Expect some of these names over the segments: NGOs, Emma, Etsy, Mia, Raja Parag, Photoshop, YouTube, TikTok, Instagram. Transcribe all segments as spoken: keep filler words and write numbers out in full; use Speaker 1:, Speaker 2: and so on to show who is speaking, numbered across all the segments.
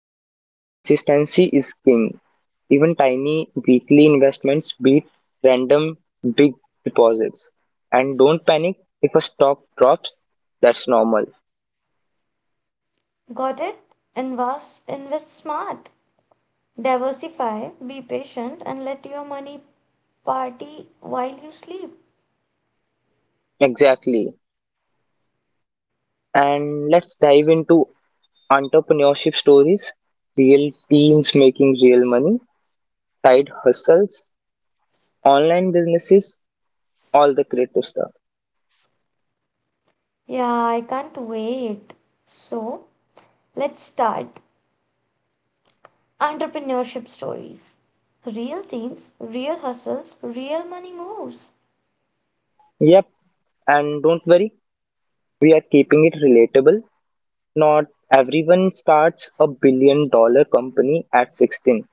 Speaker 1: Yep, consistency is king. Even tiny weekly investments beat random big deposits. And don't panic if a stock drops, that's normal.
Speaker 2: Got it? Invest, invest smart. Diversify, be patient, and let your money party while you sleep.
Speaker 1: Exactly. And let's dive into entrepreneurship stories, real teams making real money, side hustles, online businesses, all the creative stuff.
Speaker 2: Yeah, I can't wait. So, let's start entrepreneurship stories. Real teens, real hustles, real money moves.
Speaker 1: Yep, and don't worry, we are keeping it relatable. Not everyone starts a billion-dollar company at sixteen.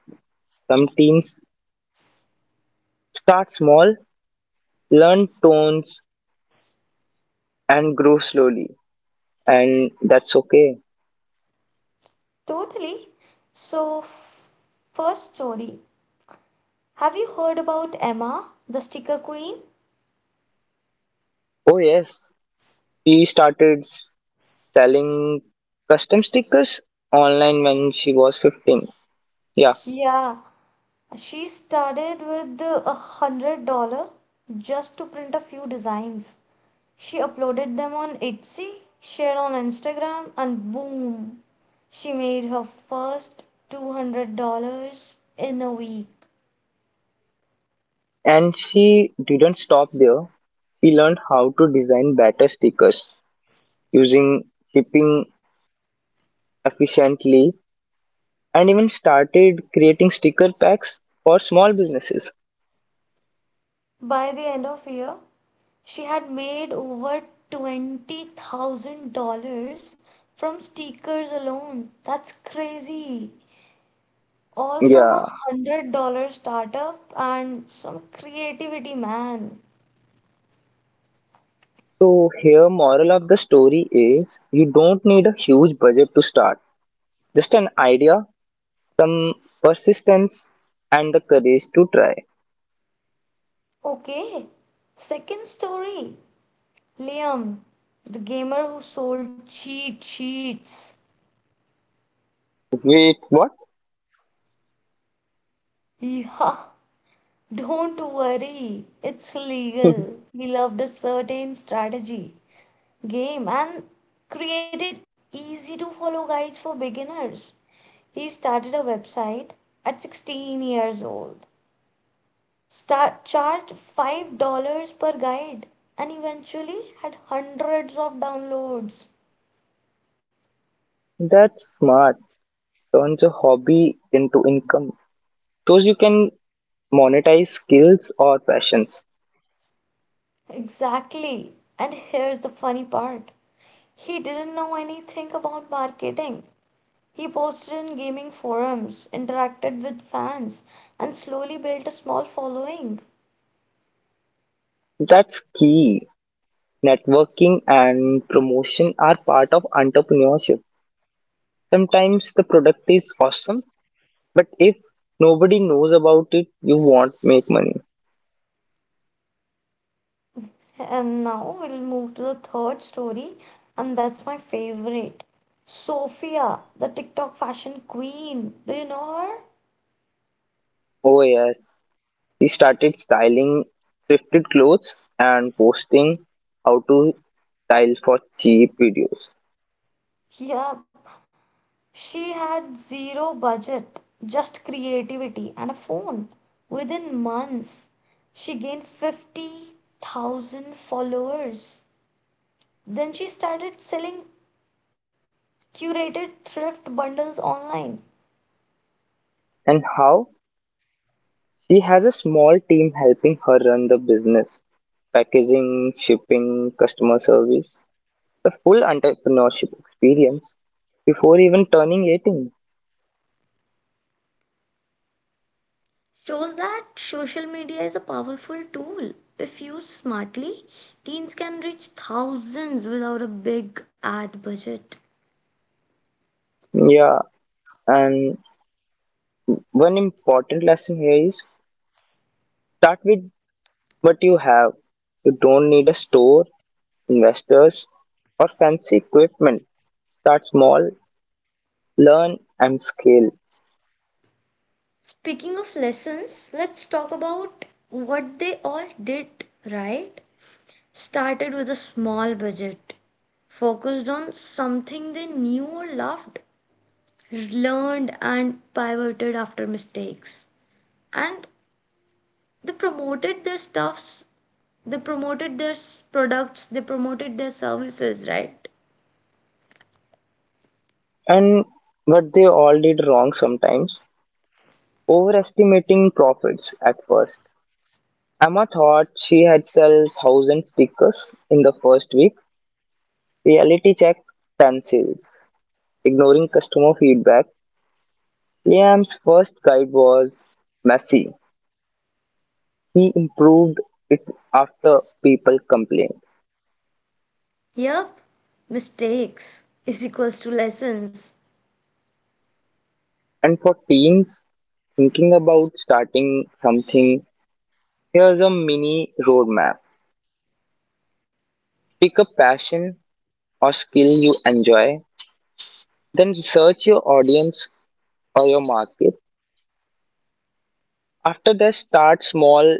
Speaker 1: Some teens start small, learn tones, and grow slowly, and that's okay.
Speaker 2: Totally. So, f- First story. Have you heard about Emma, the sticker queen?
Speaker 1: Oh yes, she started s- selling custom stickers online when she was fifteen. Yeah,
Speaker 2: Yeah, she started with a hundred dollar just to print a few designs. She uploaded them on Etsy, shared on Instagram, and boom, she made her first two hundred dollars in a week.
Speaker 1: and she didn't stop there. She learned how to design better stickers using shipping efficiently and even started creating sticker packs for small businesses.
Speaker 2: By the end of the year, she had made over twenty thousand dollars from stickers alone. That's crazy. All from a
Speaker 1: Yeah.
Speaker 2: one hundred dollar startup and some creativity, man.
Speaker 1: So here moral of the story is you don't need a huge budget to start. Just an idea, some persistence and the courage to try.
Speaker 2: Okay, second story, Liam, the gamer who sold cheat sheets.
Speaker 1: Wait, what?
Speaker 2: Yeah, don't worry, it's legal. He loved a certain strategy game and created easy to follow guides for beginners. He started a website at sixteen years old, start, charged five dollars per guide, and eventually had hundreds of downloads.
Speaker 1: That's smart. Turns a hobby into income. Shows you can monetize skills or passions.
Speaker 2: Exactly. And here's the funny part. He didn't know anything about marketing. He posted in gaming forums, interacted with fans, and slowly built a small following.
Speaker 1: That's key. Networking and promotion are part of entrepreneurship. Sometimes the product is awesome, but if nobody knows about it, you won't make money.
Speaker 2: And now we'll move to the third story, and that's my favorite. Sophia, the TikTok fashion queen. Do you know her?
Speaker 1: Oh yes, he started styling thrifted clothes and posting how to style for cheap videos
Speaker 2: Yep, she had zero budget, just creativity and a phone. Within months, she gained fifty thousand followers. Then she started selling curated thrift bundles online.
Speaker 1: and how she has a small team helping her run the business, packaging, shipping, customer service, the full entrepreneurship experience before even turning eighteen.
Speaker 2: Shows that social media is a powerful tool. If used smartly, teens can reach thousands without a big ad budget.
Speaker 1: Yeah, and one important lesson here is start with what you have. You don't need a store, investors, or fancy equipment. Start small, learn, and scale.
Speaker 2: Speaking of lessons, let's talk about what they all did, right? Started with a small budget, focused on something they knew or loved, learned and pivoted after mistakes. And they promoted their stuffs, they promoted their s- products, they promoted their services, right?
Speaker 1: And what they all did wrong, sometimes overestimating profits at first. Emma thought she had sold one thousand stickers in the first week. Reality check, ten sales. Ignoring customer feedback, Liam's first guide was messy. He improved it after people complained.
Speaker 2: Yep, mistakes is equals to lessons.
Speaker 1: And for teens thinking about starting something, here's a mini roadmap. Pick a passion or skill you enjoy, then research your audience or your market. After that, start small,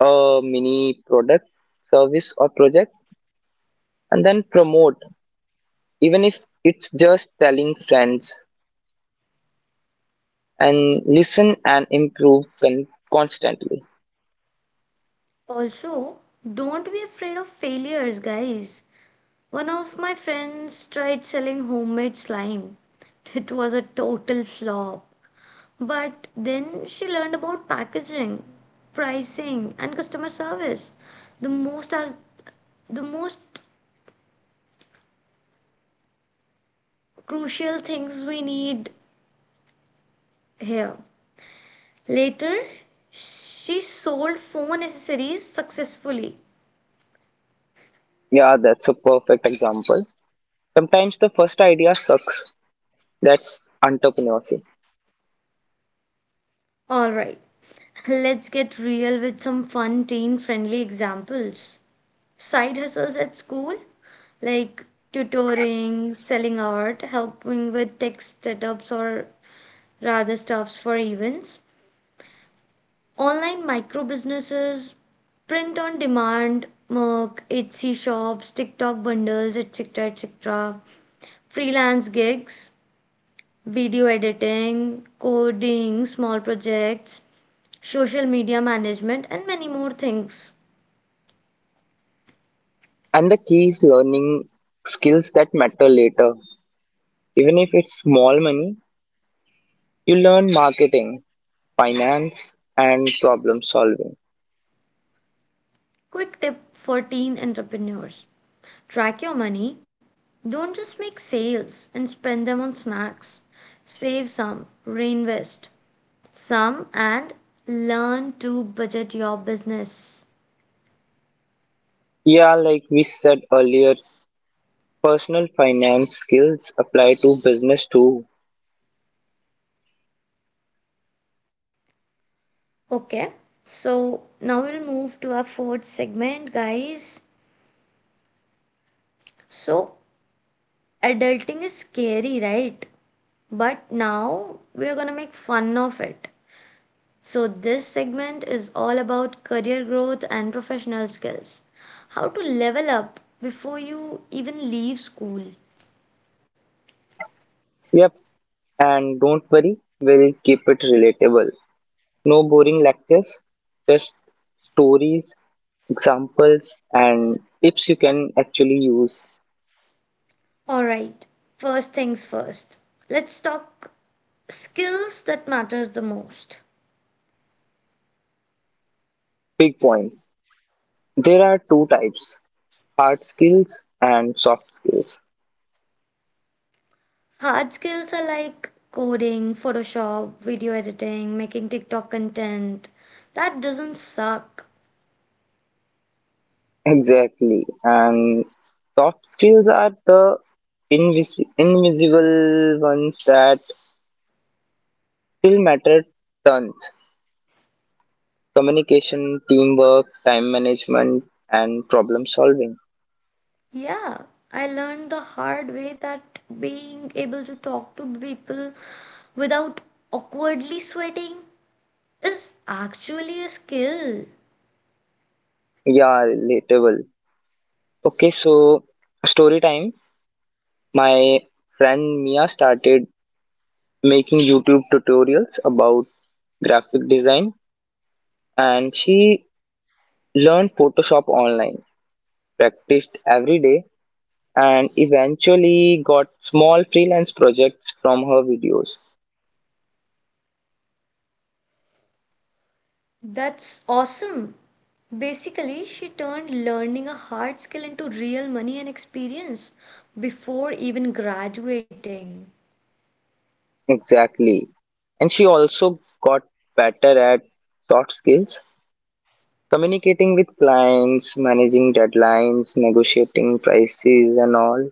Speaker 1: uh, mini product, service, or project, and then promote, even if it's just telling friends, and listen and improve con- constantly.
Speaker 2: Also, don't be afraid of failures, guys. One of my friends tried selling homemade slime. It was a total flop. But then she learned about packaging, pricing, and customer service. The most as the most crucial things we need here. Later, she sold phone accessories successfully.
Speaker 1: Yeah, that's a perfect example. Sometimes the first idea sucks. That's entrepreneurship.
Speaker 2: All right. Let's get real with some fun teen friendly examples. Side hustles at school like tutoring, selling art, helping with tech setups or rather stuffs for events. Online micro businesses, print on demand, Merc, Etsy shops, TikTok bundles, et cetera et cetera. Freelance gigs, video editing, coding, small projects, social media management, and many more things.
Speaker 1: And the key is learning skills that matter later. Even if it's small money, you learn marketing, finance, and problem solving.
Speaker 2: Quick tip for teen entrepreneurs, track your money. Don't just make sales and spend them on snacks. Save some, reinvest some, and learn to budget your business.
Speaker 1: Yeah, like we said earlier, personal finance skills apply to business too.
Speaker 2: Okay, so now we'll move to our fourth segment, guys. So, adulting is scary, right? But now we're gonna make fun of it. So, this segment is all about career growth and professional skills. How to level up before you even leave school.
Speaker 1: Yep, and don't worry, we'll keep it relatable. No boring lectures, just stories, examples, and tips you can actually use.
Speaker 2: Alright, first things first. Let's talk skills that matters the most.
Speaker 1: Big point. There are two types: hard skills and soft skills.
Speaker 2: Hard skills are like coding, Photoshop, video editing, making TikTok content. That doesn't suck.
Speaker 1: Exactly. And soft skills are the invis- invisible ones that still matter tons. Communication, teamwork, time management, and problem solving.
Speaker 2: Yeah, I learned the hard way that being able to talk to people without awkwardly sweating is actually a skill.
Speaker 1: Yeah, relatable. Okay, so story time. My friend Mia started making YouTube tutorials about graphic design, and she learned Photoshop online, practiced every day, and eventually got small freelance projects from her videos.
Speaker 2: That's awesome. Basically, she turned learning a hard skill into real money and experience before even graduating.
Speaker 1: Exactly. And she also got better at soft skills, communicating with clients, managing deadlines, negotiating prices, and all.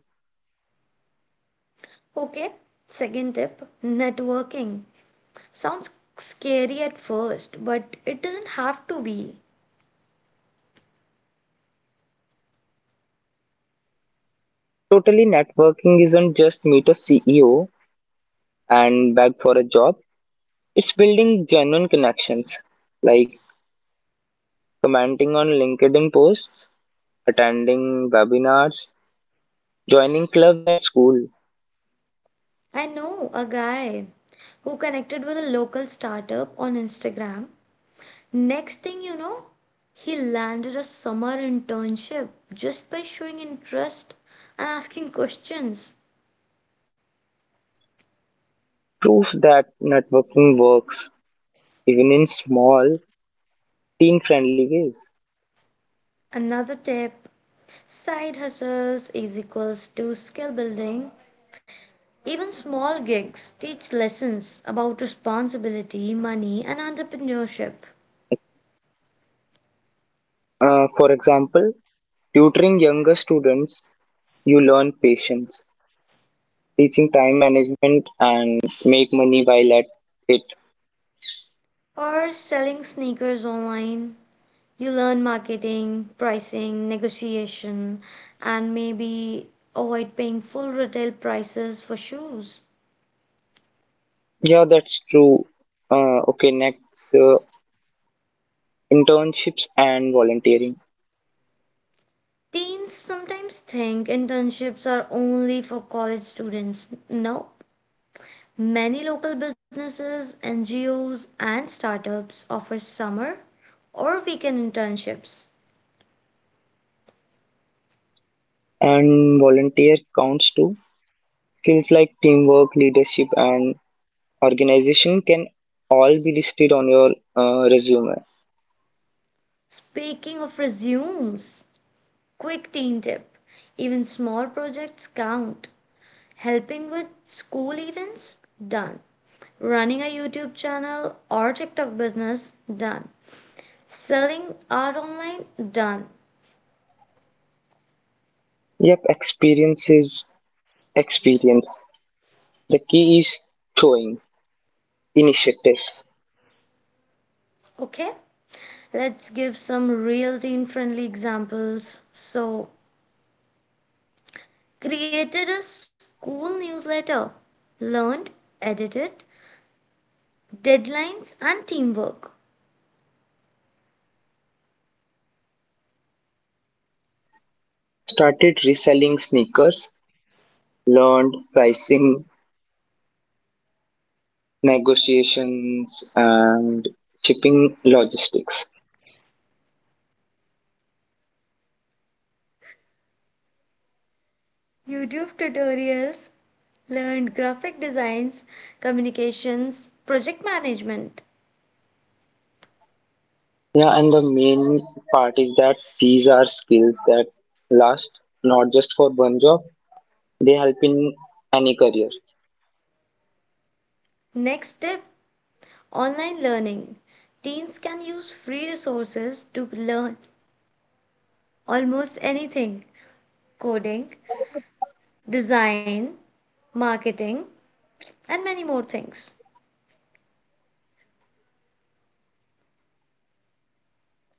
Speaker 2: Okay, second tip, networking. Sounds scary at first, but it doesn't have to be.
Speaker 1: Totally, networking isn't just meet a C E O and beg for a job, it's building genuine connections like commenting on LinkedIn posts, attending webinars, joining clubs at school.
Speaker 2: I know a guy who connected with a local startup on Instagram. Next thing you know, he landed a summer internship just by showing interest and asking questions.
Speaker 1: Proof that networking works even in small, teen friendly ways.
Speaker 2: Another tip, side hustles is equals to skill building. Even small gigs teach lessons about responsibility, money, and entrepreneurship.
Speaker 1: Uh, for example, tutoring younger students, you learn patience, teaching time management, and make money while at it.
Speaker 2: Or selling sneakers online, you learn marketing, pricing, negotiation, and maybe avoid paying full retail prices for shoes.
Speaker 1: Yeah, that's true. Uh, okay, next, uh, internships and volunteering.
Speaker 2: Teens sometimes think internships are only for college students. No. Many local businesses, N G Os, and startups offer summer or weekend internships.
Speaker 1: And volunteer counts too. Skills like teamwork, leadership, and organization can all be listed on your uh, resume.
Speaker 2: Speaking of resumes, quick teen tip, even small projects count. Helping with school events? Done. Running a YouTube channel or TikTok business? Done. Selling art online? Done.
Speaker 1: Yep, experiences Experience The key is showing initiatives.
Speaker 2: Okay? Let's give some real teen friendly examples. So, created a school newsletter, learned, edited, deadlines, and teamwork.
Speaker 1: Started reselling sneakers, learned pricing, negotiations, and shipping logistics.
Speaker 2: YouTube tutorials, learned graphic designs, communications, project management.
Speaker 1: Yeah, and the main part is that these are skills that last, not just for one job, they help in any career.
Speaker 2: Next step, online learning. Teens can use free resources to learn almost anything, coding, design, marketing, and many more things.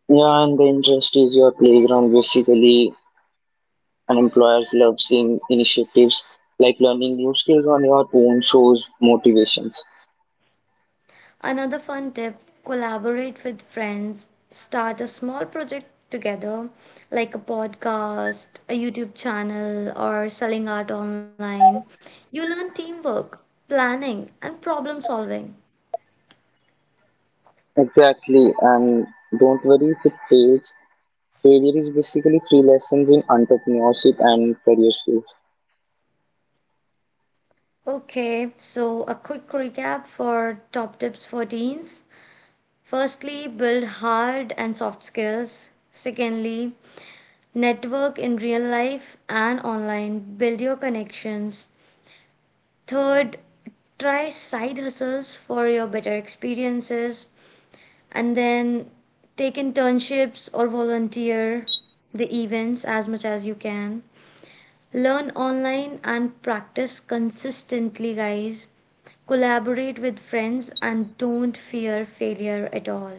Speaker 1: Yeah, and the interest is your playground. Basically, and employers love seeing initiatives like learning new skills on your own shows motivations.
Speaker 2: Another fun tip, collaborate with friends, start a small project together, like a podcast, a YouTube channel, or selling art online. You learn teamwork, planning, and problem solving.
Speaker 1: Exactly, and don't worry if it fails. Failure is basically free lessons in entrepreneurship and career skills.
Speaker 2: Okay, so a quick recap for top tips for teens. Firstly, build hard and soft skills. Secondly, network in real life and online. Build your connections. Third, try side hustles for your better experiences and then take internships or volunteer the events as much as you can. Learn online and practice consistently, guys. Collaborate with friends and don't fear failure at all.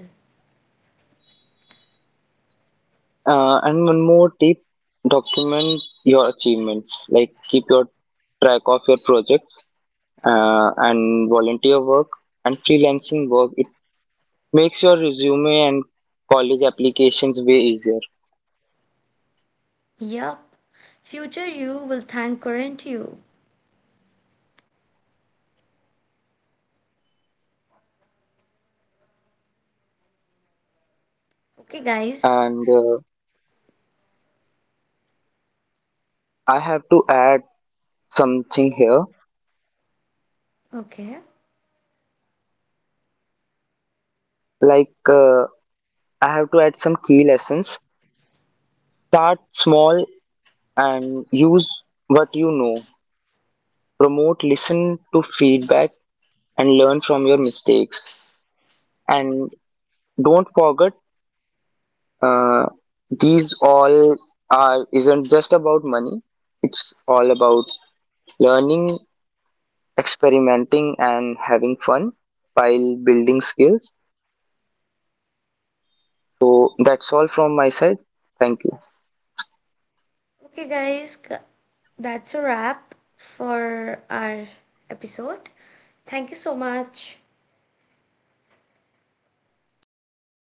Speaker 1: Uh, and one more tip, document your achievements, like keep your track of your projects uh, and volunteer work and freelancing work. It makes your resume and college applications way easier.
Speaker 2: Yup, future you will thank current you. Okay, guys.
Speaker 1: And uh, I have to add something here,
Speaker 2: Okay.
Speaker 1: like uh, I have to add some key lessons. Start small and use what you know. Promote, listen to feedback, and learn from your mistakes. And don't forget, uh, these all are isn't just about money. It's all about learning, experimenting, and having fun while building skills. So that's all from my side. Thank you.
Speaker 2: Okay, guys, c- that's a wrap for our episode. Thank you so much.
Speaker 1: Thank you, guys.